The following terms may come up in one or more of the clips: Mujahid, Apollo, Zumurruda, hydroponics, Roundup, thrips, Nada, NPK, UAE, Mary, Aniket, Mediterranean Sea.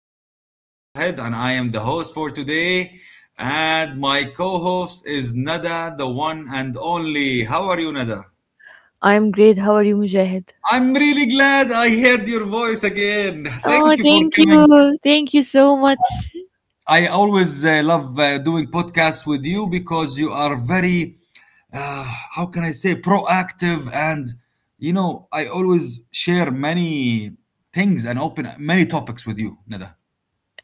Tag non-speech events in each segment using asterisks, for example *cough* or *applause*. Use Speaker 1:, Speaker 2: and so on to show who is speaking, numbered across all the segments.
Speaker 1: My name is Mujahid, and I am the host for today. And my co host is Nada, the one and only. How are you, Nada?
Speaker 2: I'm great. How are you, Mujahid?
Speaker 1: I'm really glad I heard your voice again. Thank you
Speaker 2: Oh,
Speaker 1: for
Speaker 2: thank
Speaker 1: coming.
Speaker 2: you. Thank you so much.
Speaker 1: I always love doing podcasts with you because you are very, how can I say, proactive. And, I always share many things and open many topics with you, Nada.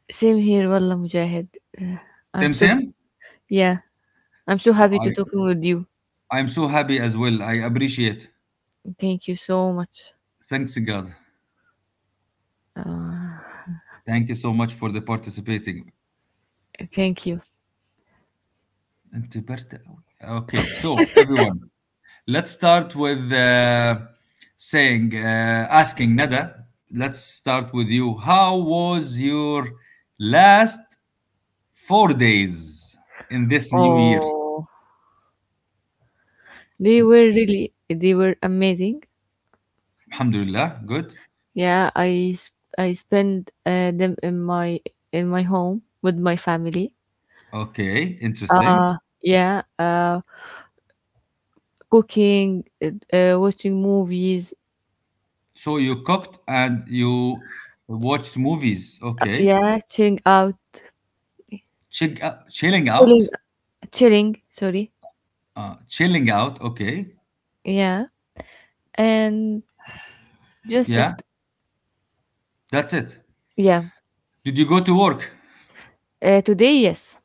Speaker 2: Same here, Wallah Mujahid. I'm
Speaker 1: Same,
Speaker 2: so
Speaker 1: same.
Speaker 2: yeah. I'm so
Speaker 1: I
Speaker 2: happy
Speaker 1: i
Speaker 2: to
Speaker 1: I
Speaker 2: talking with you.
Speaker 1: I'm so happy as well. I appreciate.
Speaker 2: Thank you so much.
Speaker 1: Thanks God. Thank you so much for the participating.
Speaker 2: Thank you.
Speaker 1: أنت برد أوي. Okay, so everyone, let's start with saying, asking Nada. Let's start with you. How was your last 4 days in this new year?
Speaker 2: Oh, they were amazing.
Speaker 1: Alhamdulillah, good.
Speaker 2: Yeah, I s- I spent them in my home with my family.
Speaker 1: Okay, interesting.
Speaker 2: Uh yeah. Uh, Cooking, watching movies.
Speaker 1: So you cooked and you watched movies. Okay.
Speaker 2: Yeah,
Speaker 1: Chick Chilling
Speaker 2: chilling,
Speaker 1: out?
Speaker 2: chilling. Sorry.
Speaker 1: Chilling out, okay.
Speaker 2: Yeah. And just that,
Speaker 1: Yeah, that's it.
Speaker 2: yeah.
Speaker 1: Did you go to work
Speaker 2: Today, yes,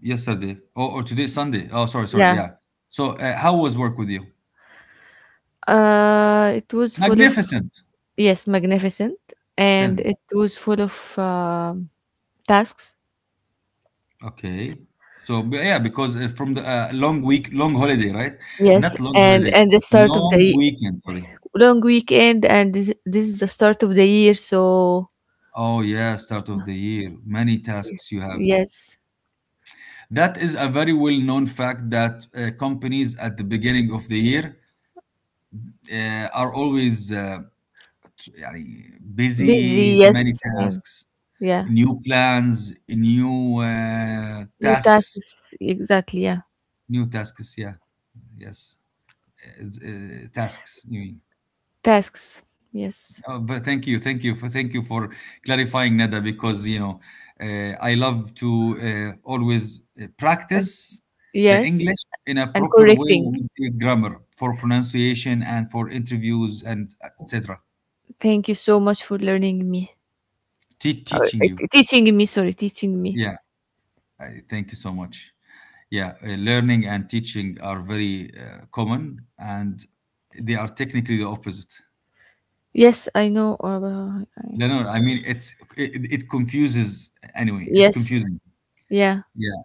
Speaker 1: yesterday? Oh, or today, Sunday? Oh, sorry, sorry.
Speaker 2: yeah.
Speaker 1: Yeah. So, how was work with you?
Speaker 2: It was full of,
Speaker 1: Magnificent.
Speaker 2: yes, magnificent. And
Speaker 1: Then,
Speaker 2: it was full of tasks,
Speaker 1: okay. So, yeah, because from the long week, long holiday, right?
Speaker 2: yes.
Speaker 1: Not long
Speaker 2: and
Speaker 1: holiday,
Speaker 2: and the start of the
Speaker 1: long
Speaker 2: ye-
Speaker 1: weekend, sorry.
Speaker 2: long weekend, and this is the start of the year, so
Speaker 1: Oh, yeah, start of the year. Many tasks you have.
Speaker 2: yes,
Speaker 1: That is a very well known fact that companies at the beginning of the year are always يعني
Speaker 2: busy,
Speaker 1: busy
Speaker 2: yes.
Speaker 1: many
Speaker 2: And
Speaker 1: tasks,
Speaker 2: yeah,
Speaker 1: new plans, new
Speaker 2: new
Speaker 1: tasks,
Speaker 2: tasks, exactly, yeah.
Speaker 1: new tasks. Yeah, yes, it's, tasks. You mean?
Speaker 2: Tasks, yes.
Speaker 1: Oh, but thank you for clarifying, Nada, because I love to always
Speaker 2: And
Speaker 1: practice the
Speaker 2: yes,
Speaker 1: English in a
Speaker 2: and
Speaker 1: proper way
Speaker 2: correcting.
Speaker 1: with the grammar for pronunciation and for interviews and etc.
Speaker 2: Thank you so much for learning me. Uh,
Speaker 1: Teaching you.
Speaker 2: Teaching me, sorry teaching me.
Speaker 1: Yeah, thank you so much. Yeah, learning and teaching are very common, and they are technically the opposite.
Speaker 2: Yes, I know.
Speaker 1: No, no, I mean it confuses anyway. It's
Speaker 2: Yes,
Speaker 1: confusing.
Speaker 2: yeah,
Speaker 1: Yeah,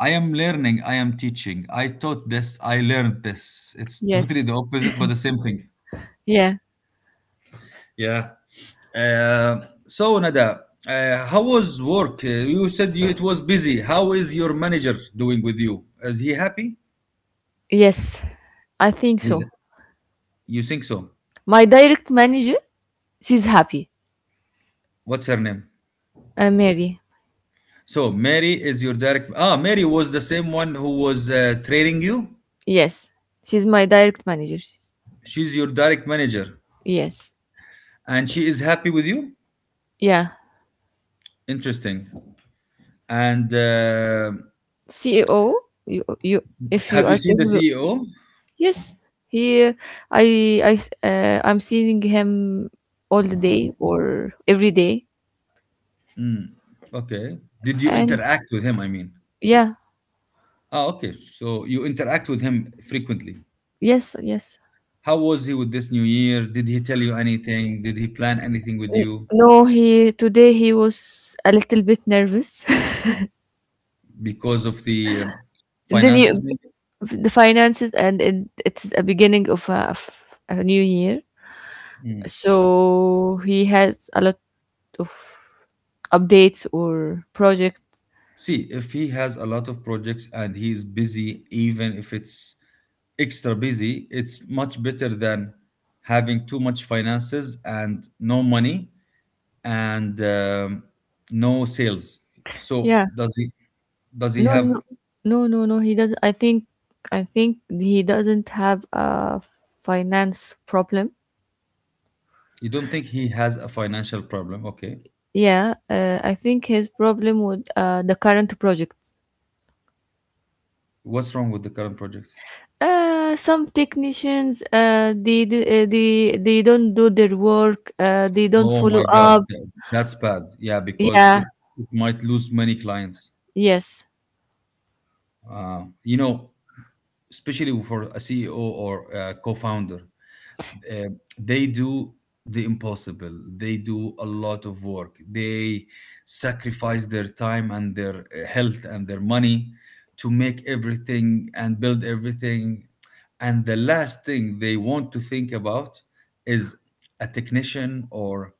Speaker 1: I am learning. I am teaching. I taught this. I learned this. It's *laughs* totally the
Speaker 2: yes,
Speaker 1: opposite, but the same thing.
Speaker 2: yeah,
Speaker 1: Yeah. So Nada, how was work? You said it was busy. How is your manager doing with you? Is he happy?
Speaker 2: yes. I think
Speaker 1: He's.
Speaker 2: so.
Speaker 1: You think so?
Speaker 2: My direct manager, she's happy.
Speaker 1: What's her name?
Speaker 2: Mary.
Speaker 1: So Mary is your direct. Ah, Mary was the same one who was training you.
Speaker 2: Yes, she's my direct manager.
Speaker 1: She's your direct manager,
Speaker 2: Yes,
Speaker 1: and she is happy with you.
Speaker 2: yeah.
Speaker 1: Interesting. And
Speaker 2: CEO, you, you, if you
Speaker 1: have you
Speaker 2: are
Speaker 1: seen the
Speaker 2: capable.
Speaker 1: CEO?
Speaker 2: Yes, he. I, I, I'm seeing him all the day or every day,
Speaker 1: Okay. Did you
Speaker 2: and
Speaker 1: interact with him? I mean.
Speaker 2: yeah,
Speaker 1: Ah, okay. So you interact with him frequently.
Speaker 2: yes, yes.
Speaker 1: How was he with this new year? Did he tell you anything? Did he plan anything with you
Speaker 2: No, he today he was a little bit nervous. *laughs*
Speaker 1: because of the
Speaker 2: The
Speaker 1: finances?
Speaker 2: new,
Speaker 1: Maybe.
Speaker 2: the finances, and it's a beginning of of a new year.
Speaker 1: Hmm.
Speaker 2: So he has a lot of updates or projects.
Speaker 1: See, if he has a lot of projects and he's busy, even if it's extra busy, it's much better than having too much finances and no money and no sales. So
Speaker 2: Yeah.
Speaker 1: does he? Does he
Speaker 2: No, no,
Speaker 1: have?
Speaker 2: no, no, no. He doesn't. I think he doesn't have a finance problem.
Speaker 1: You don't think he has a financial problem? Okay,
Speaker 2: Yeah, I think his problem with the current project.
Speaker 1: what's wrong with the current project?
Speaker 2: Some technicians, they don't do their work. They don't
Speaker 1: Oh
Speaker 2: follow
Speaker 1: my God,
Speaker 2: up.
Speaker 1: that's bad. Yeah, because
Speaker 2: Yeah,
Speaker 1: it might lose many clients.
Speaker 2: yes,
Speaker 1: Uh, you know, Especially for a CEO or a co-founder uh, they do the impossible. They do a lot of work. They sacrifice their time and their health and their money to make everything and build everything, and the last thing they want to think about is a technician or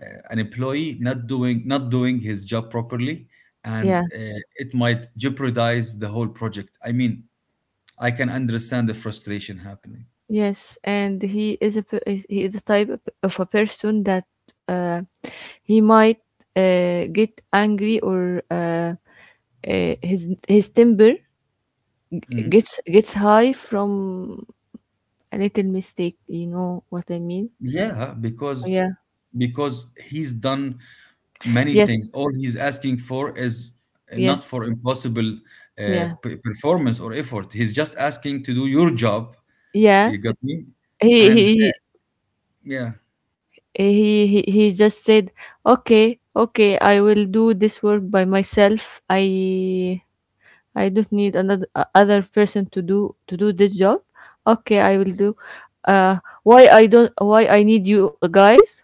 Speaker 1: an employee not doing his job properly. And
Speaker 2: yeah,
Speaker 1: it might jeopardize the whole project, I mean. I can understand the frustration happening.
Speaker 2: yes, and he is a he is the type of a person that, uh, he might, get angry, or his temper
Speaker 1: Mm-hmm.
Speaker 2: gets high from a little mistake. You know what I mean?
Speaker 1: Yeah, because
Speaker 2: Yeah.
Speaker 1: because he's done many things.
Speaker 2: Yes.
Speaker 1: All he's asking for is not
Speaker 2: Yes.
Speaker 1: for impossible
Speaker 2: Yeah.
Speaker 1: performance or effort. He's just asking to do your job.
Speaker 2: Yeah.
Speaker 1: You got me?
Speaker 2: He
Speaker 1: And
Speaker 2: he
Speaker 1: yeah,
Speaker 2: he just said, "Okay, okay, I will do this work by myself. I don't need another other person to do this job. Okay, I will do. Why I don't? Why I need you guys?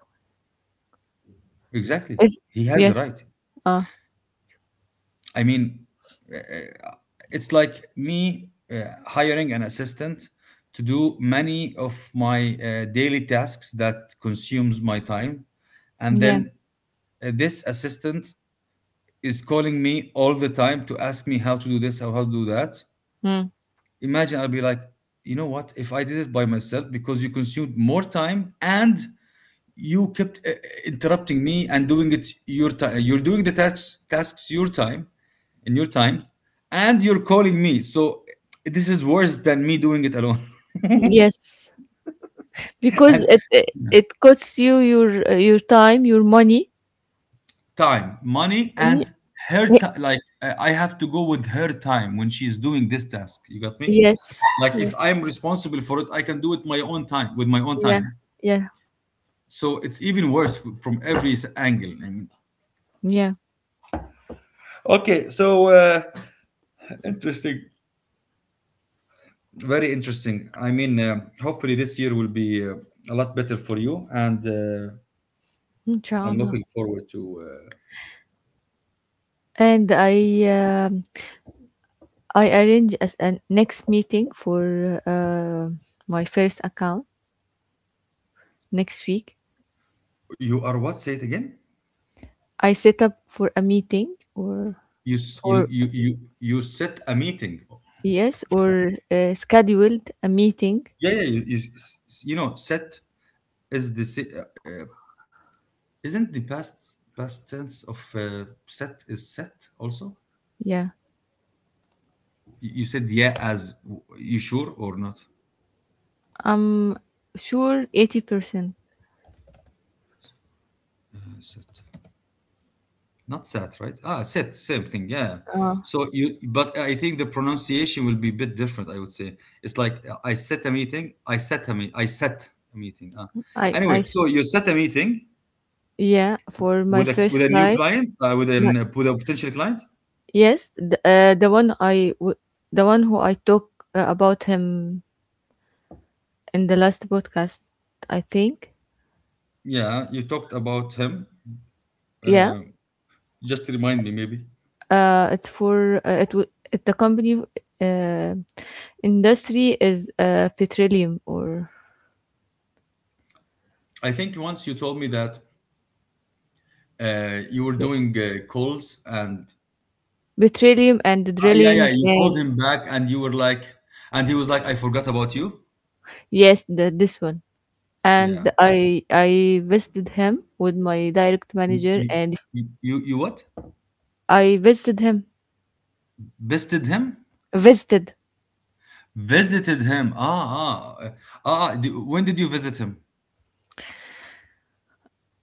Speaker 1: exactly.
Speaker 2: If,
Speaker 1: He has the
Speaker 2: yes.
Speaker 1: right.
Speaker 2: Uh,
Speaker 1: I mean, uh, uh, it's like me hiring an assistant to do many of my daily tasks that consumes my time and
Speaker 2: yeah.
Speaker 1: then this assistant is calling me all the time to ask me how to do this or how to do that.
Speaker 2: Mm.
Speaker 1: Imagine I'll be like, you know what? If I did it by myself, because you consumed more time and you kept interrupting me and doing it your time. You're doing the tasks your time in your time, and you're calling me. So this is worse than me doing it alone.
Speaker 2: Yes,
Speaker 1: *laughs*
Speaker 2: because
Speaker 1: and
Speaker 2: it costs you your, your time, your money.
Speaker 1: Time, money, and
Speaker 2: Ye-
Speaker 1: her time. Like I have to go with her time when she's doing this task. You got me?
Speaker 2: Yes.
Speaker 1: Like
Speaker 2: Yeah.
Speaker 1: if I'm responsible for it, I can do it my own time with my own
Speaker 2: Yeah.
Speaker 1: time.
Speaker 2: Yeah.
Speaker 1: So it's even worse from every angle. I mean.
Speaker 2: Yeah.
Speaker 1: Okay, so interesting. Very interesting. I mean, hopefully this year will be a lot better for you, and I'm
Speaker 2: Inshallah.
Speaker 1: looking forward to.
Speaker 2: And I, arrange as a next meeting for, my first account next week.
Speaker 1: You are what? Say it again.
Speaker 2: I set up for a meeting, or
Speaker 1: You s- you
Speaker 2: for
Speaker 1: you you you set a meeting.
Speaker 2: yes, or scheduled a meeting.
Speaker 1: Yeah, yeah, you know, set is the isn't the past tense of set is set also?
Speaker 2: Yeah,
Speaker 1: You said yeah as you sure or not?
Speaker 2: I'm sure 80%.
Speaker 1: Set, not set, right? Ah, set, same thing. Yeah.
Speaker 2: Uh,
Speaker 1: So but I think the pronunciation will be a bit different. I would say it's like I set a meeting. I set a me. I set a meeting. Ah.
Speaker 2: I I
Speaker 1: Anyway,
Speaker 2: s-
Speaker 1: so you set a meeting
Speaker 2: yeah, for my first
Speaker 1: with a new
Speaker 2: client.
Speaker 1: client, with
Speaker 2: No-
Speaker 1: an with a potential client.
Speaker 2: Yes, the one who I talked about him in the last podcast. I think,
Speaker 1: Yeah, you talked about him.
Speaker 2: yeah.
Speaker 1: Uh, Just remind me, maybe.
Speaker 2: It's for it, w- It, the company, uh, industry is, petroleum, or
Speaker 1: I think once you told me that you were doing calls and
Speaker 2: betrayal, and
Speaker 1: Ah, yeah, yeah,
Speaker 2: drilling,
Speaker 1: you called
Speaker 2: and
Speaker 1: him back and you were like, and he was like, I forgot about you.
Speaker 2: yes, the this one.
Speaker 1: Yeah.
Speaker 2: And I visited him with my direct
Speaker 1: You,
Speaker 2: manager,
Speaker 1: you,
Speaker 2: and
Speaker 1: you what?
Speaker 2: I visited him.
Speaker 1: Visited him?
Speaker 2: Visited.
Speaker 1: Visited him. When did you visit him?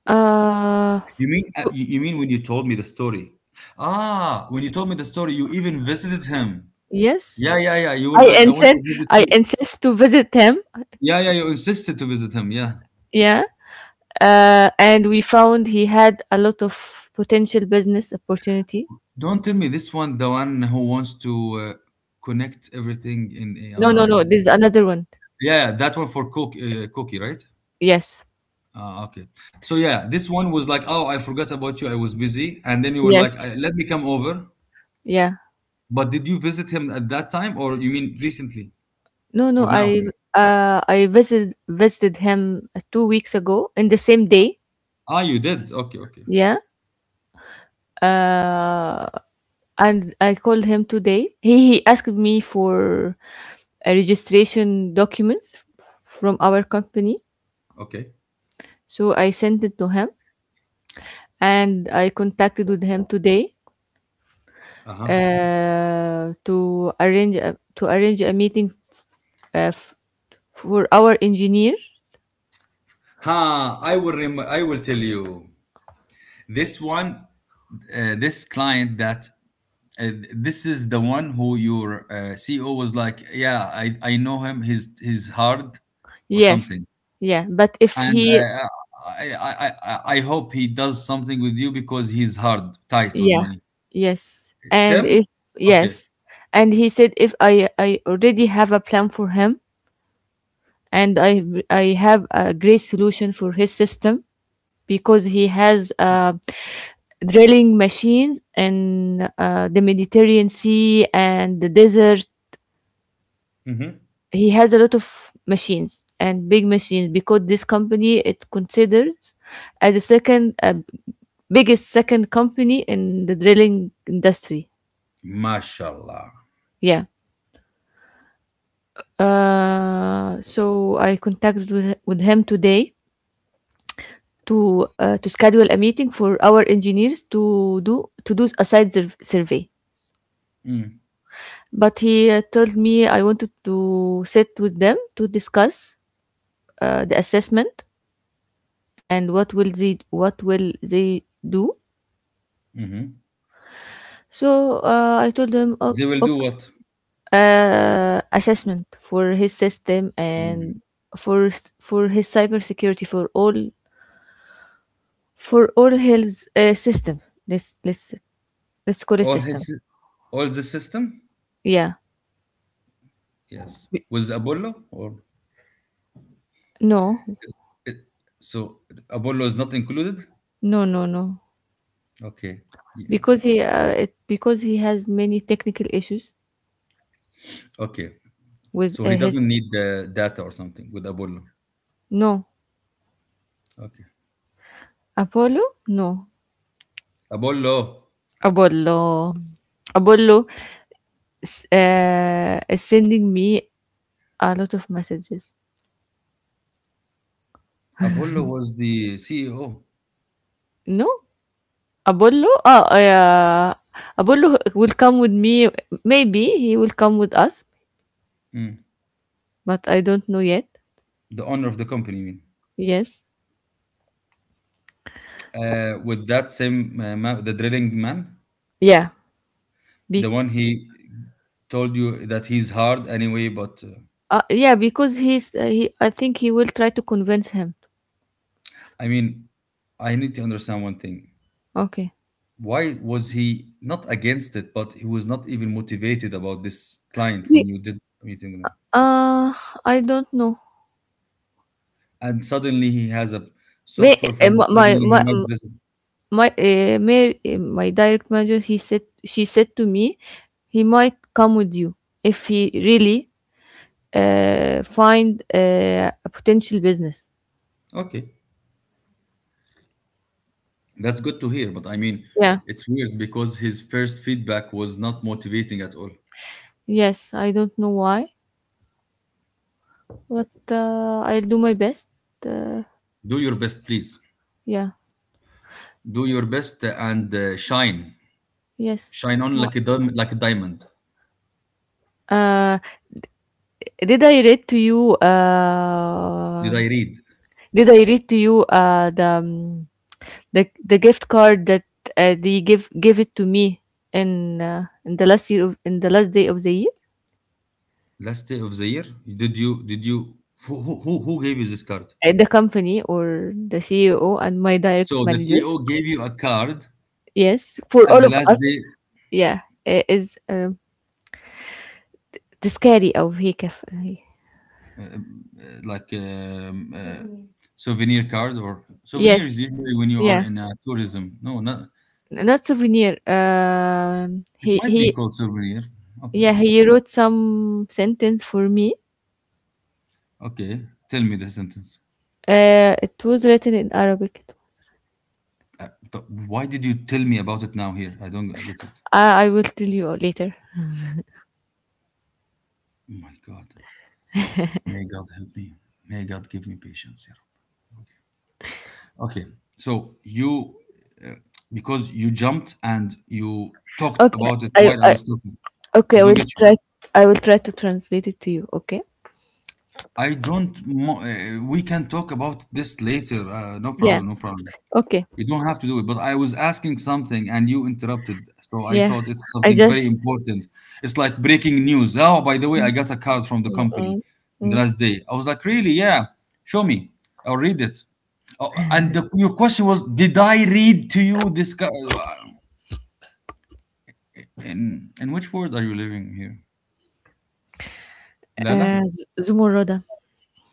Speaker 2: Uh,
Speaker 1: You mean you mean when you told me the story? Ah, when you told me the story, you even visited him.
Speaker 2: yes.
Speaker 1: Yeah, yeah, yeah. You were
Speaker 2: I
Speaker 1: like, I want
Speaker 2: insist
Speaker 1: to visit
Speaker 2: I
Speaker 1: you.
Speaker 2: insist to visit him.
Speaker 1: Yeah, yeah. You insisted to visit him. Yeah.
Speaker 2: Yeah. Uh, and we found he had a lot of potential business opportunity.
Speaker 1: Don't tell me this one, the one who wants to connect everything in
Speaker 2: No, no, no,
Speaker 1: AI.
Speaker 2: there's another one.
Speaker 1: Yeah, that one for Cookie, right?
Speaker 2: Yes.
Speaker 1: Okay. So yeah, this one was like, oh, I forgot about you. I was busy, and then you were like,
Speaker 2: Yes.
Speaker 1: let me come over.
Speaker 2: Yeah.
Speaker 1: But did you visit him at that time, or you mean recently,
Speaker 2: No, no,
Speaker 1: or now? You mean?
Speaker 2: I visited him, 2 weeks ago, in the same day.
Speaker 1: Ah, you did. Okay, okay,
Speaker 2: Yeah. Uh, and I called him today. He asked me for a registration documents from our company.
Speaker 1: okay.
Speaker 2: So I sent it to him, and I contacted with him today,
Speaker 1: Uh huh.
Speaker 2: to arrange a meeting, uh, f- for our engineer.
Speaker 1: Ha! I will tell you. This one, this client that uh, this is the one who your CEO was like, yeah, I know him. He's hard, or
Speaker 2: Yes.
Speaker 1: something.
Speaker 2: Yeah, but if
Speaker 1: And I
Speaker 2: he,
Speaker 1: I, I I I I hope he does something with you because he's hard, tight with
Speaker 2: yeah,
Speaker 1: money.
Speaker 2: yes.
Speaker 1: It's
Speaker 2: And
Speaker 1: him.
Speaker 2: if,
Speaker 1: Okay.
Speaker 2: yes. And he said, if I already have a plan for him, and I have a great solution for his system, because he has, drilling machines in, the Mediterranean Sea and the desert.
Speaker 1: Mm-hmm.
Speaker 2: He has a lot of machines, and big machines, because this company, it considers as a second company in the drilling industry.
Speaker 1: Mashallah.
Speaker 2: Yeah. So I contacted with him today to, to schedule a meeting for our engineers to do a survey.
Speaker 1: Mm,
Speaker 2: But he, told me I wanted to sit with them to discuss, the assessment, and what will they do.
Speaker 1: hmm.
Speaker 2: So, I told him,
Speaker 1: They
Speaker 2: "O-
Speaker 1: will do
Speaker 2: okay,
Speaker 1: what?
Speaker 2: assessment for his system,
Speaker 1: Mm.
Speaker 2: and for his cybersecurity, for all, for all his, system. Let's let's let's call it
Speaker 1: All
Speaker 2: system.
Speaker 1: his, all the system.
Speaker 2: Yeah.
Speaker 1: Yes. With Apollo or
Speaker 2: No.
Speaker 1: is it, so Apollo is not included.
Speaker 2: No, no, no.
Speaker 1: Okay.
Speaker 2: Because
Speaker 1: Yeah.
Speaker 2: he, because he has many technical issues
Speaker 1: Okay.
Speaker 2: with,
Speaker 1: So he
Speaker 2: his,
Speaker 1: doesn't need the data or something with Apollo.
Speaker 2: no.
Speaker 1: Okay.
Speaker 2: Apollo, no.
Speaker 1: Apollo.
Speaker 2: Apollo Apollo is sending me a lot of messages.
Speaker 1: Apollo was the CEO,
Speaker 2: No, Apollo uh, uh, Apollo will come with me. Maybe he will come with us,
Speaker 1: Mm.
Speaker 2: but I don't know yet.
Speaker 1: the owner of the company. I mean,
Speaker 2: Yes.
Speaker 1: with that the drilling man,
Speaker 2: Yeah.
Speaker 1: the
Speaker 2: Be-
Speaker 1: one he told you that he's hard anyway. But
Speaker 2: yeah, because he's he. I think he will try to convince him.
Speaker 1: I mean, I need to understand one thing.
Speaker 2: Okay.
Speaker 1: Why was he not against it, but he was not even motivated about this client when you did a meeting with him?
Speaker 2: Uh, I don't know.
Speaker 1: And suddenly he has a
Speaker 2: May
Speaker 1: software
Speaker 2: eh,
Speaker 1: firm.
Speaker 2: my my
Speaker 1: Suddenly he
Speaker 2: my
Speaker 1: made this.
Speaker 2: my, eh, may, eh, My direct manager, he said she said to me he might come with you if he really, find, a potential business.
Speaker 1: Okay. That's good to hear, but I mean,
Speaker 2: Yeah.
Speaker 1: it's weird because his first feedback was not motivating at all.
Speaker 2: Yes. I don't know why, but, I'll do my best. Uh,
Speaker 1: Do your best, please.
Speaker 2: yeah.
Speaker 1: Do your best and shine.
Speaker 2: Yes.
Speaker 1: Shine on
Speaker 2: Wha-
Speaker 1: like a like a diamond.
Speaker 2: Uh, did I read to you? Uh,
Speaker 1: Did I read
Speaker 2: did I read to you, the gift card that, they give give it to me in, in the last year of, in the last day of the year
Speaker 1: last day of the year? Did you who gave you this card?
Speaker 2: at the company, or the CEO and my direct
Speaker 1: So the
Speaker 2: manager,
Speaker 1: CEO gave you a card
Speaker 2: yes, for
Speaker 1: at
Speaker 2: all
Speaker 1: the
Speaker 2: of
Speaker 1: last
Speaker 2: us,
Speaker 1: day,
Speaker 2: yeah. Is, um, تذكاري أو هيك ف-
Speaker 1: uh, um, uh, like um, uh, Souvenir card or souvenir is
Speaker 2: yes,
Speaker 1: usually when you
Speaker 2: yeah,
Speaker 1: are in tourism. No, not.
Speaker 2: not souvenir,
Speaker 1: It might be
Speaker 2: he
Speaker 1: called souvenir. Okay.
Speaker 2: yeah, he wrote some sentence for me.
Speaker 1: Okay, tell me the sentence.
Speaker 2: Uh, it was written in Arabic.
Speaker 1: But why did you tell me about it now here? I don't get it.
Speaker 2: I will tell you later.
Speaker 1: Oh my God. May God help me. May God give me patience here. Okay, okay, so uh, because you jumped and you talked
Speaker 2: Okay.
Speaker 1: about it while I
Speaker 2: I
Speaker 1: was talking.
Speaker 2: Okay,
Speaker 1: I
Speaker 2: I
Speaker 1: don't
Speaker 2: will
Speaker 1: get you.
Speaker 2: try. I will try to translate it to you, okay?
Speaker 1: I don't, mo- We can talk about this later. No
Speaker 2: Yeah.
Speaker 1: problem, no problem.
Speaker 2: Okay.
Speaker 1: You don't have to do it, but I was asking something and you interrupted, so I
Speaker 2: Yeah.
Speaker 1: thought it's
Speaker 2: I
Speaker 1: something very
Speaker 2: just.
Speaker 1: important. It's like breaking news. Oh, by the way,
Speaker 2: Mm.
Speaker 1: I got a card from the company in the
Speaker 2: Mm.
Speaker 1: last day. I was like, really? Yeah, show me. I'll read it. Oh, and your question was, did I read to you this card? In which world are you living here? Lala?
Speaker 2: Zumurruda.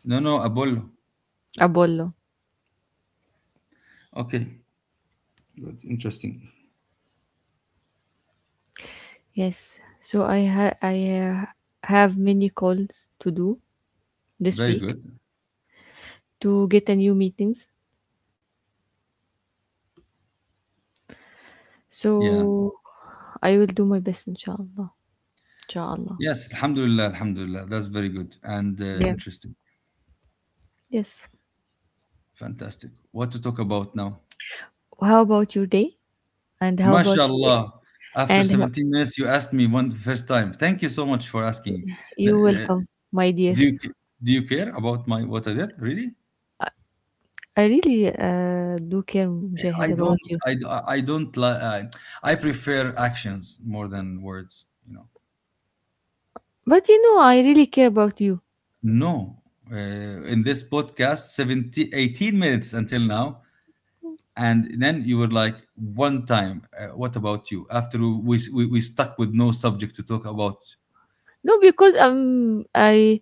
Speaker 1: No, no, Apollo.
Speaker 2: Abollo.
Speaker 1: Okay, good, interesting.
Speaker 2: Yes. So I ha- I have many calls to do this
Speaker 1: Very
Speaker 2: week
Speaker 1: good.
Speaker 2: to get a new meetings.
Speaker 1: Yeah.
Speaker 2: So I will do my best, inshallah. Inshallah.
Speaker 1: Yes, Alhamdulillah, Alhamdulillah. That's very good and
Speaker 2: Yeah.
Speaker 1: interesting.
Speaker 2: Yes.
Speaker 1: Fantastic. What to talk about now?
Speaker 2: How about your day? And how about you?
Speaker 1: MashaAllah. After
Speaker 2: And how-
Speaker 1: 17 minutes, you asked me one first time. Thank you so much for asking. Th-
Speaker 2: you're
Speaker 1: th-
Speaker 2: welcome, my dear.
Speaker 1: Do you do you care about my what I did? Really?
Speaker 2: I really, do care, Mujahid,
Speaker 1: I don't.
Speaker 2: about you.
Speaker 1: I I don't like. I prefer actions more than words.
Speaker 2: But you know, I really care about you.
Speaker 1: No. Uh, in this podcast, 17, 18 minutes until now, and then you were like one time. What about you? After we, we stuck with no subject to talk about.
Speaker 2: No, because,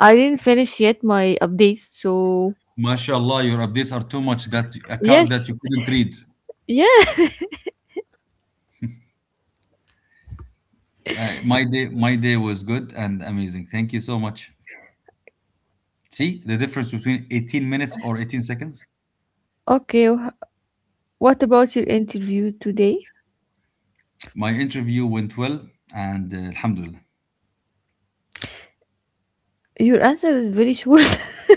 Speaker 2: I didn't finish yet my updates. So
Speaker 1: Mashallah, your updates are too much that a card that
Speaker 2: yes,
Speaker 1: you couldn't read.
Speaker 2: yeah.
Speaker 1: My day was good and amazing. Thank you so much. See the difference between 18 minutes or 18 seconds.
Speaker 2: Okay. What about your interview today?
Speaker 1: My interview went well, and Alhamdulillah.
Speaker 2: Your answer is very short. *laughs*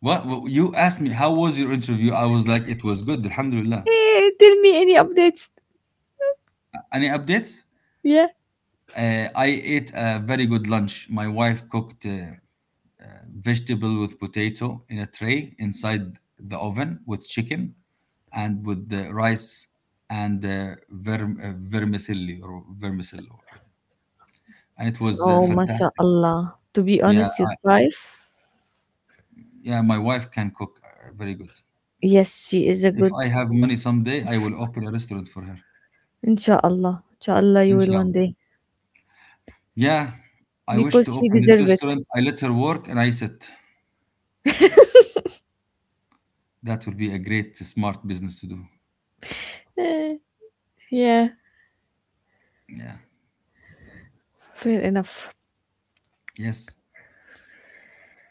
Speaker 1: You asked me? How was your interview? I was like, it was good, Alhamdulillah.
Speaker 2: Eh, tell me any updates.
Speaker 1: Any updates?
Speaker 2: Yeah.
Speaker 1: I ate a very good lunch. My wife cooked uh, vegetable with potato in a tray inside the oven with chicken and with the rice and vermicelli or vermicelli or whatever. And it was
Speaker 2: Oh,
Speaker 1: fantastic.
Speaker 2: mashallah. To be
Speaker 1: Yeah,
Speaker 2: honest, your wife.
Speaker 1: yeah. My wife can cook very good.
Speaker 2: Yes, she is a
Speaker 1: If
Speaker 2: good.
Speaker 1: I have money someday, I will open a restaurant for her.
Speaker 2: Inshallah, inshallah, you will one
Speaker 1: Inshallah.
Speaker 2: day,
Speaker 1: Yeah, I wish
Speaker 2: because
Speaker 1: to
Speaker 2: she
Speaker 1: open this
Speaker 2: deserve it.
Speaker 1: restaurant. I let her work and I sit. That would be a great, smart business to do.
Speaker 2: Eh, yeah,
Speaker 1: Yeah.
Speaker 2: fair enough.
Speaker 1: Yes.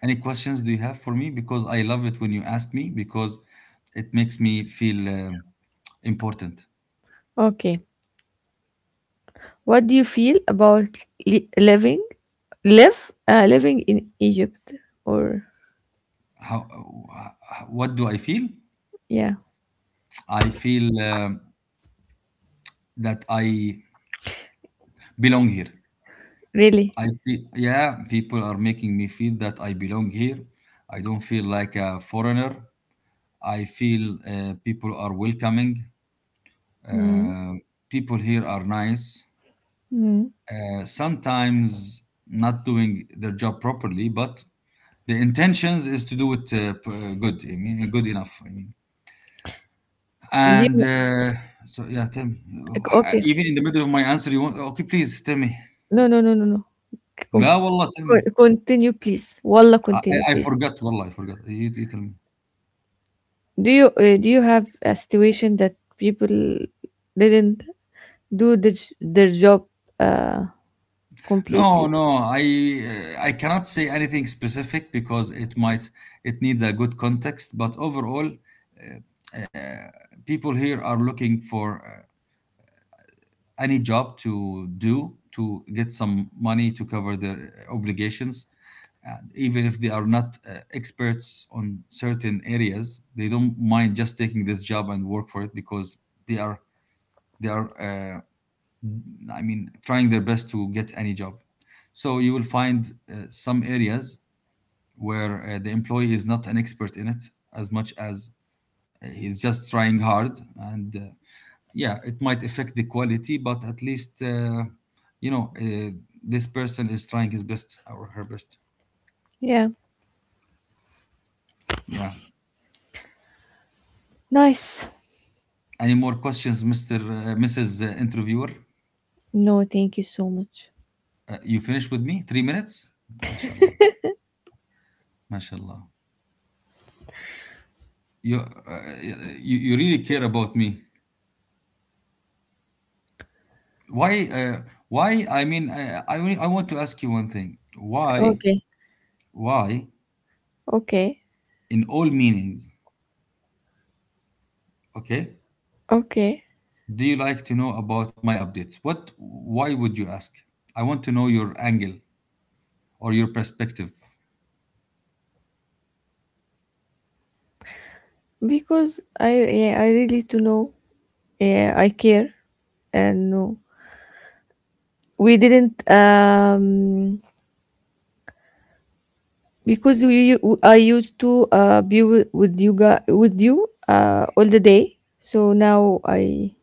Speaker 1: Any questions do you have for me? Because I love it when you ask me because it makes me feel important.
Speaker 2: Okay. What do you feel about, li- living, living in Egypt? Or
Speaker 1: How what do I feel?
Speaker 2: yeah,
Speaker 1: I feel that I belong here.
Speaker 2: really?
Speaker 1: I feel, yeah, people are making me feel that I belong here. I don't feel like a foreigner. I feel people are welcoming.
Speaker 2: Mm.
Speaker 1: Uh, people here are nice.
Speaker 2: Mm.
Speaker 1: Sometimes not doing their job properly, but the intentions is to do it good. I mean, good enough. I mean.
Speaker 2: Do
Speaker 1: And
Speaker 2: you,
Speaker 1: so yeah, tell me.
Speaker 2: okay.
Speaker 1: Even in the middle of my answer, you want? Okay, please tell me.
Speaker 2: No, no, no.
Speaker 1: لا
Speaker 2: Con-
Speaker 1: والله tell me.
Speaker 2: Continue, please. Wallah,
Speaker 1: I,
Speaker 2: continue,
Speaker 1: I I
Speaker 2: please.
Speaker 1: forgot, والله I forgot. You tell me.
Speaker 2: Do you, do you have a situation that people didn't do the, their job, uh,
Speaker 1: No,
Speaker 2: completely?
Speaker 1: no, I cannot say anything specific because it needs a good context. But overall, people here are looking for any job to do to get some money to cover their obligations. And even if they are not experts on certain areas, they don't mind just taking this job and work for it because they are they are I mean trying their best to get any job. So you will find some areas where the employee is not an expert in it as much as he's just trying hard and yeah, it might affect the quality, but at least, you know uh, this person is trying his best or her best.
Speaker 2: Yeah.
Speaker 1: Yeah.
Speaker 2: Nice.
Speaker 1: Any more questions, Mr. Mrs. Interviewer?
Speaker 2: No, thank you so much.
Speaker 1: You finish with me? 3 minutes? MashaAllah. MashaAllah. You, uh, you, you really care about me. Why? Why? I mean, I want to ask you one thing. Why?
Speaker 2: Okay.
Speaker 1: Why?
Speaker 2: Okay.
Speaker 1: In all meanings, okay?
Speaker 2: Okay.
Speaker 1: Do you like to know about my updates? What? Why would you ask? I want to know your angle or your perspective.
Speaker 2: Because I, yeah, I really to know, yeah, I care. And no, we didn't, because we I used to, be with you guys, with you, all the day, so now I,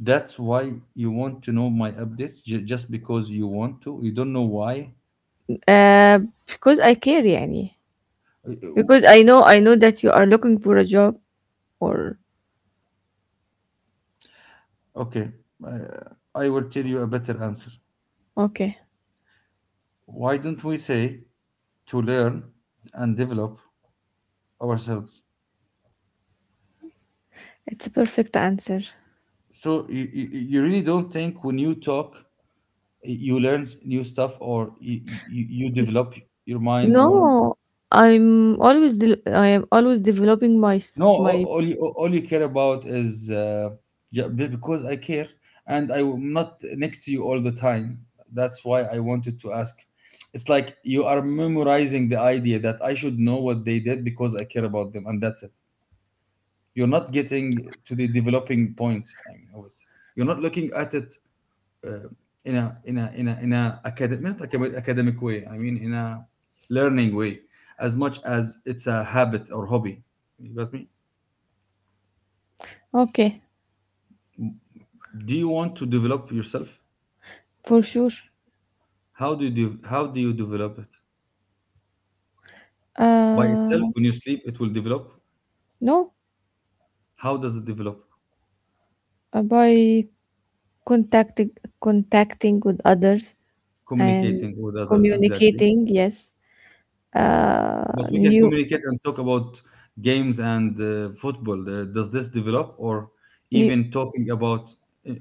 Speaker 1: That's why you want to know my updates, just because you want to. You don't know why.
Speaker 2: uh because I care يعني,
Speaker 1: Uh,
Speaker 2: because I know that you are looking for a job, or
Speaker 1: Okay, uh, I will tell you a better answer.
Speaker 2: okay.
Speaker 1: Why don't we say to learn and develop ourselves?
Speaker 2: It's a perfect answer.
Speaker 1: So you really don't think when you talk, you learn new stuff, or you develop your mind, or…
Speaker 2: No, I am always developing
Speaker 1: No,
Speaker 2: my,
Speaker 1: all you care about is because I care, and I'm not next to you all the time. That's why I wanted to ask. It's like you are memorizing the idea that I should know what they did because I care about them, and that's it. You're not getting to the developing point. I mean, of it. You're not looking at it uh, in a academic, not academic way. I mean, in a learning way, as much as it's a habit or hobby. You got me?
Speaker 2: okay,
Speaker 1: Do you want to develop yourself?
Speaker 2: for sure.
Speaker 1: How do you de- how do you develop it? By
Speaker 2: Uh,
Speaker 1: itself, when you sleep, it will develop?
Speaker 2: no,
Speaker 1: How does it develop?
Speaker 2: by contacting contacting with others and
Speaker 1: Communicating with others, exactly.
Speaker 2: communicating. Yes,
Speaker 1: But
Speaker 2: uh,
Speaker 1: we can
Speaker 2: new
Speaker 1: communicate and talk about games and football. Does this develop? Or
Speaker 2: new,
Speaker 1: even talking about uh,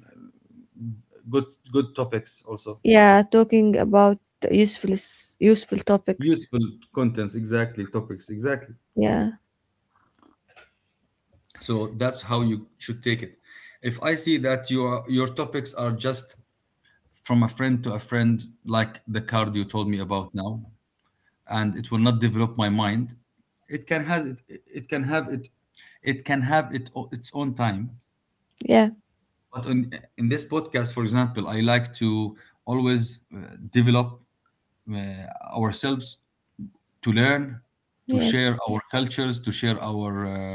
Speaker 1: good good topics also?
Speaker 2: yeah, talking about useful topics.
Speaker 1: Useful contents, exactly. Topics, exactly.
Speaker 2: Yeah,
Speaker 1: So that's how you should take it. If I see that your topics are just from a friend to a friend, like the card you told me about now, and it will not develop my mind. It can have it, its own time.
Speaker 2: yeah,
Speaker 1: But in this podcast, for example, I like to always develop uh, ourselves, to learn, to
Speaker 2: yes,
Speaker 1: share our cultures, to share our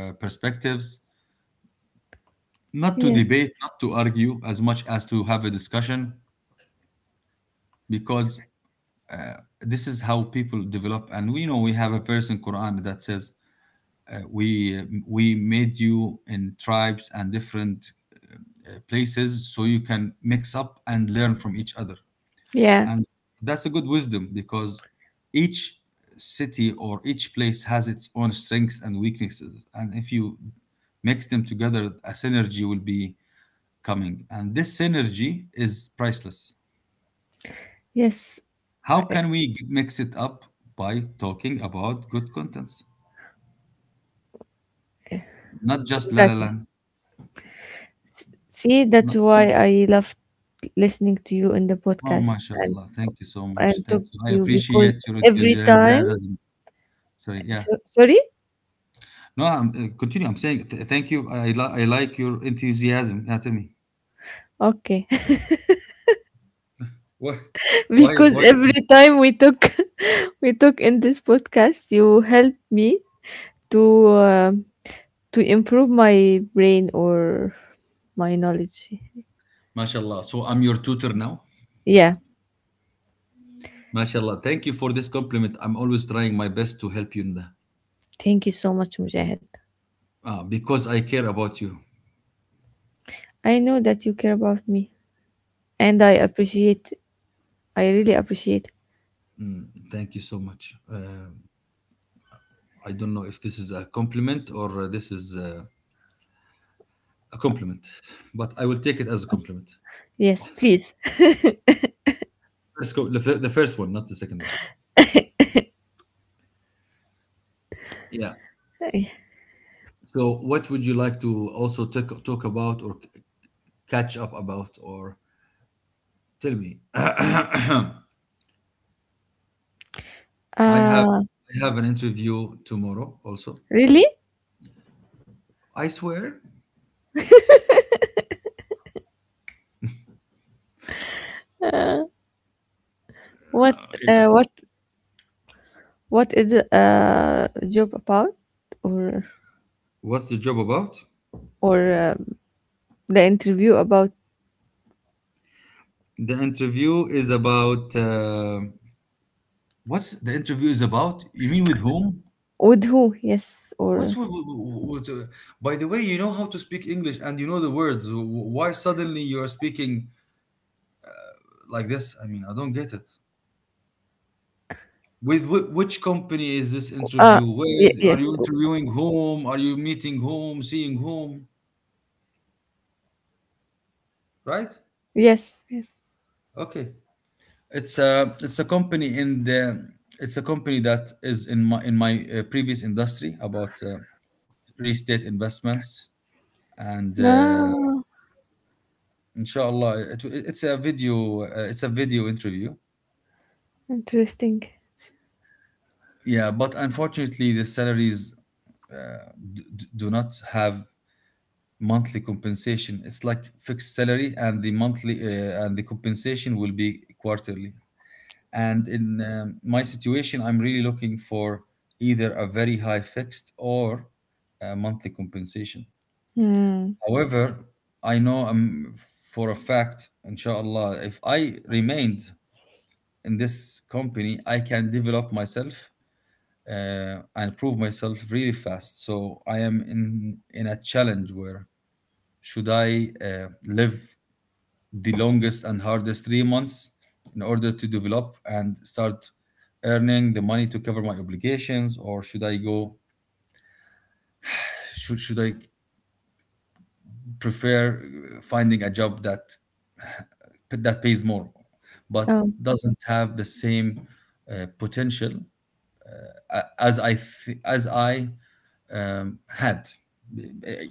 Speaker 1: perspectives, not to
Speaker 2: yeah,
Speaker 1: debate, not to argue as much as to have a discussion, because this is how people develop. And we know we have a verse in Quran that says, we made you in tribes and different places so you can mix up and learn from each other.
Speaker 2: yeah,
Speaker 1: And that's a good wisdom because each city or each place has its own strengths and weaknesses, and if you mix them together, a synergy will be coming, and this synergy is priceless.
Speaker 2: yes,
Speaker 1: How can we mix it up? By talking about good contents, not just La La
Speaker 2: exactly.
Speaker 1: Land?
Speaker 2: See, that's
Speaker 1: No.
Speaker 2: why I loved listening to you in the
Speaker 1: Oh,
Speaker 2: podcast
Speaker 1: mashallah. Thank you so much.
Speaker 2: and talk
Speaker 1: Thank you.
Speaker 2: to
Speaker 1: I
Speaker 2: you, because
Speaker 1: appreciate your
Speaker 2: every time.
Speaker 1: enthusiasm. Sorry, yeah.
Speaker 2: So, sorry.
Speaker 1: No, continue. I'm saying thank you. I like your enthusiasm. Yeah, tell me.
Speaker 2: Okay.
Speaker 1: Why? Why?
Speaker 2: Because
Speaker 1: Why?
Speaker 2: every time we took *laughs* we took in this podcast, you helped me to, to improve my brain, or my knowledge,
Speaker 1: Mashallah. So I'm your tutor now.
Speaker 2: yeah.
Speaker 1: Mashallah. Thank you for this compliment. I'm always trying my best to help you in that.
Speaker 2: Thank you so much, Mujahid.
Speaker 1: Ah, because I care about you.
Speaker 2: I know that you care about me, and I really appreciate.
Speaker 1: Mm, thank you so much. I don't know if this is a compliment or this is a compliment, but I will take it as a compliment.
Speaker 2: Yes, please.
Speaker 1: Let's go the, the first one, not the second one. Yeah.
Speaker 2: *laughs*
Speaker 1: So, what would you like to also talk about, or catch up about, or tell me? *clears throat* Have
Speaker 2: Uh,
Speaker 1: I have an interview tomorrow. Also,
Speaker 2: really,
Speaker 1: I swear.
Speaker 2: what, uh,
Speaker 1: Yeah.
Speaker 2: what what is the, uh, job about, or
Speaker 1: What's the job about?
Speaker 2: or, the interview about,
Speaker 1: The interview is about. What's the interview is about? You mean with whom?
Speaker 2: with who, yes,
Speaker 1: What
Speaker 2: or,
Speaker 1: would, by the way, you know how to speak English and you know the words. Why suddenly you are speaking like this? I mean, I don't get it. With which company is this
Speaker 2: Uh,
Speaker 1: interview
Speaker 2: ye
Speaker 1: with? Are
Speaker 2: yes.
Speaker 1: you
Speaker 2: Oh.
Speaker 1: interviewing whom? Are you meeting whom? Seeing whom? Right?
Speaker 2: Yes, yes.
Speaker 1: Okay. It's a company in the, it's a company that is in my previous industry about real estate investments, and
Speaker 2: Ah,
Speaker 1: inshallah it's a video interview.
Speaker 2: interesting.
Speaker 1: Yeah, but unfortunately, the salaries do not have monthly compensation. It's like fixed salary, and the monthly and the compensation will be quarterly. And in my situation, I'm really looking for either a very high fixed or a monthly compensation.
Speaker 2: Hmm.
Speaker 1: However, I know for a fact, inshallah, if I remained in this company, I can develop myself and prove myself really fast. So I am in a challenge where should I live the longest and hardest 3 months in order to develop and start earning the money to cover my obligations, or should I go? Should I prefer finding a job that pays more, but
Speaker 2: Um,
Speaker 1: doesn't have the same potential as I had.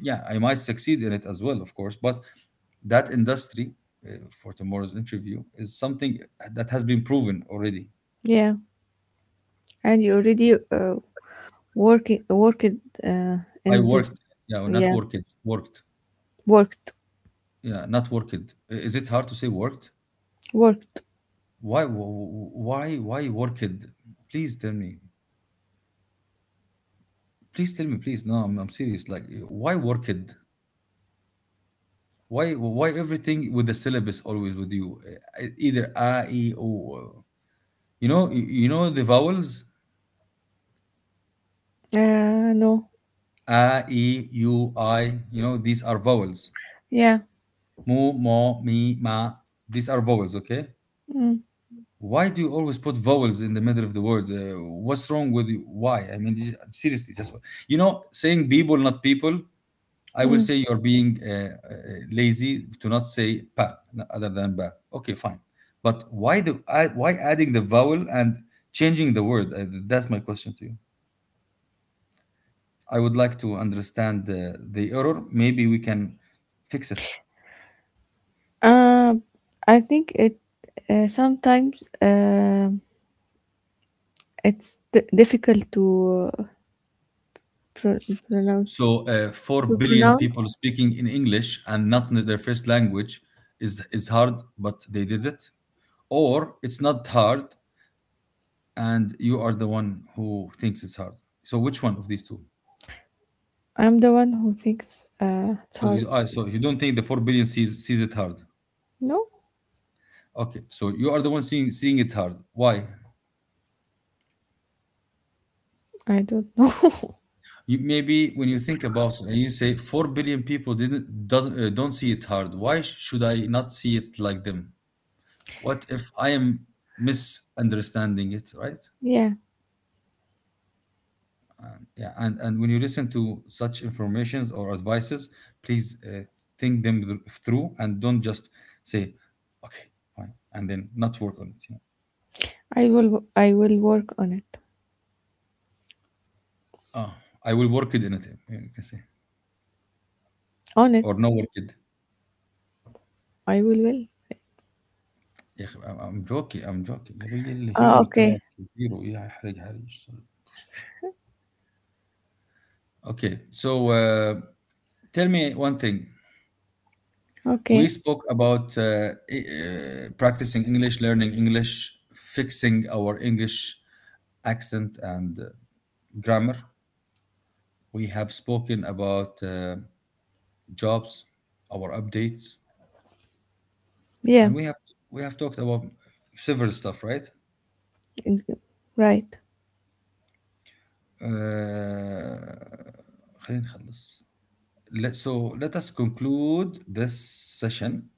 Speaker 1: Yeah, I might succeed in it as well, of course, but that industry for tomorrow's interview is something that has been proven already.
Speaker 2: yeah. And you already, working worked, uh,
Speaker 1: I
Speaker 2: in the
Speaker 1: worked, yeah, or not
Speaker 2: yeah,
Speaker 1: worked, worked,
Speaker 2: worked,
Speaker 1: yeah, not worked. Is it hard to say worked?
Speaker 2: worked.
Speaker 1: Why worked? Please tell me. Please tell me, please. No, I'm serious. Like, why worked? Why everything with the syllabus always with you? Either a, e, o. You know, you know the vowels.
Speaker 2: No.
Speaker 1: A, e, u, I. You know, these are vowels.
Speaker 2: Yeah.
Speaker 1: Mu, mo, mi, ma. These are vowels, okay?
Speaker 2: Mm,
Speaker 1: Why do you always put vowels in the middle of the word? What's wrong with you? Why? I mean, seriously, just why? You know, saying people, not people. I will
Speaker 2: mm.
Speaker 1: say you're being uh, lazy to not say other than ba. Okay, fine. But why the I, why adding the vowel and changing the word? That's my question to you. I would like to understand the error. Maybe we can fix it.
Speaker 2: Uh, I think it, sometimes it's difficult to, pro- pronounce,
Speaker 1: So four
Speaker 2: to
Speaker 1: billion
Speaker 2: pronounce.
Speaker 1: people speaking in English and not in their first language is hard, but they did it. Or it's not hard, and you are the one who thinks it's hard. So which one of these two?
Speaker 2: I'm the one who thinks, it's
Speaker 1: So
Speaker 2: hard.
Speaker 1: you are, so you don't think the 4 billion sees it hard.
Speaker 2: No,
Speaker 1: Okay, so you are the one seeing it hard. Why?
Speaker 2: I don't know. *laughs*
Speaker 1: You, maybe when you think about it and you say 4 billion people didn't doesn't don't see it hard. Why should I not see it like them? What if I am misunderstanding it, right?
Speaker 2: Yeah,
Speaker 1: Yeah, and when you listen to such informations or advices, please think them through and don't just say, "Okay, fine," and then not work on it. You know,
Speaker 2: I will work on it.
Speaker 1: oh, I will work it in it. You can say,
Speaker 2: On it,
Speaker 1: or no, work it.
Speaker 2: I will. Will.
Speaker 1: يا أخي I'm joking, I'm joking, يا ابوي
Speaker 2: Ah,
Speaker 1: الهيومر
Speaker 2: okay.
Speaker 1: تبعك زيرو يا حرج حرج. Okay, so tell me one thing. We
Speaker 2: Okay.
Speaker 1: spoke about practicing English, learning English, fixing our English accent, and grammar. We have spoken about jobs, our updates,
Speaker 2: Yeah.
Speaker 1: and we have talked about several stuff, right?
Speaker 2: ex- Right.
Speaker 1: Uh, خلينا نخلص. Let, so let us conclude this session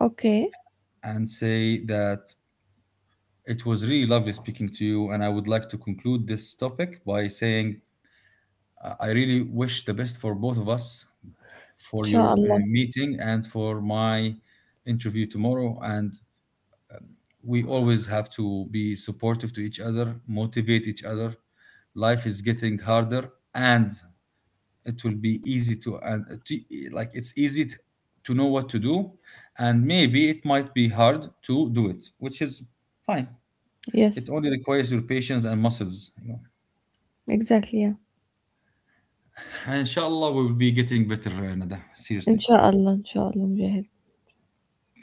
Speaker 2: Okay.
Speaker 1: and say that it was really lovely speaking to you, and I would like to conclude this topic by saying I really wish the best for both of us, for your
Speaker 2: Inshallah.
Speaker 1: meeting and for my interview tomorrow. And we always have to be supportive to each other, motivate each other. Life is getting harder, and it will be easy to, and to, like, it's easy to know what to do, and maybe it might be hard to do it, which is fine. It
Speaker 2: Yes.
Speaker 1: only requires your patience and muscles, you know.
Speaker 2: Exactly. Yeah.
Speaker 1: And inshallah, we will be getting better, Nada. Seriously,
Speaker 2: Inshallah. Inshallah, Mujahid.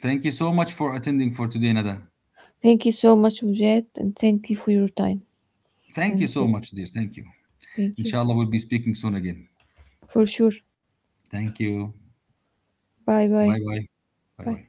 Speaker 1: thank you so much for attending for today, Nada.
Speaker 2: Thank you so much, Mujahid, and thank you for your time,
Speaker 1: Thank you
Speaker 2: and
Speaker 1: so
Speaker 2: for,
Speaker 1: much, dear. Thank you.
Speaker 2: thank you,
Speaker 1: Inshallah, we'll be speaking soon again.
Speaker 2: for sure.
Speaker 1: Thank you.
Speaker 2: Bye. Bye.
Speaker 1: Bye bye. Bye
Speaker 2: Bye.
Speaker 1: bye.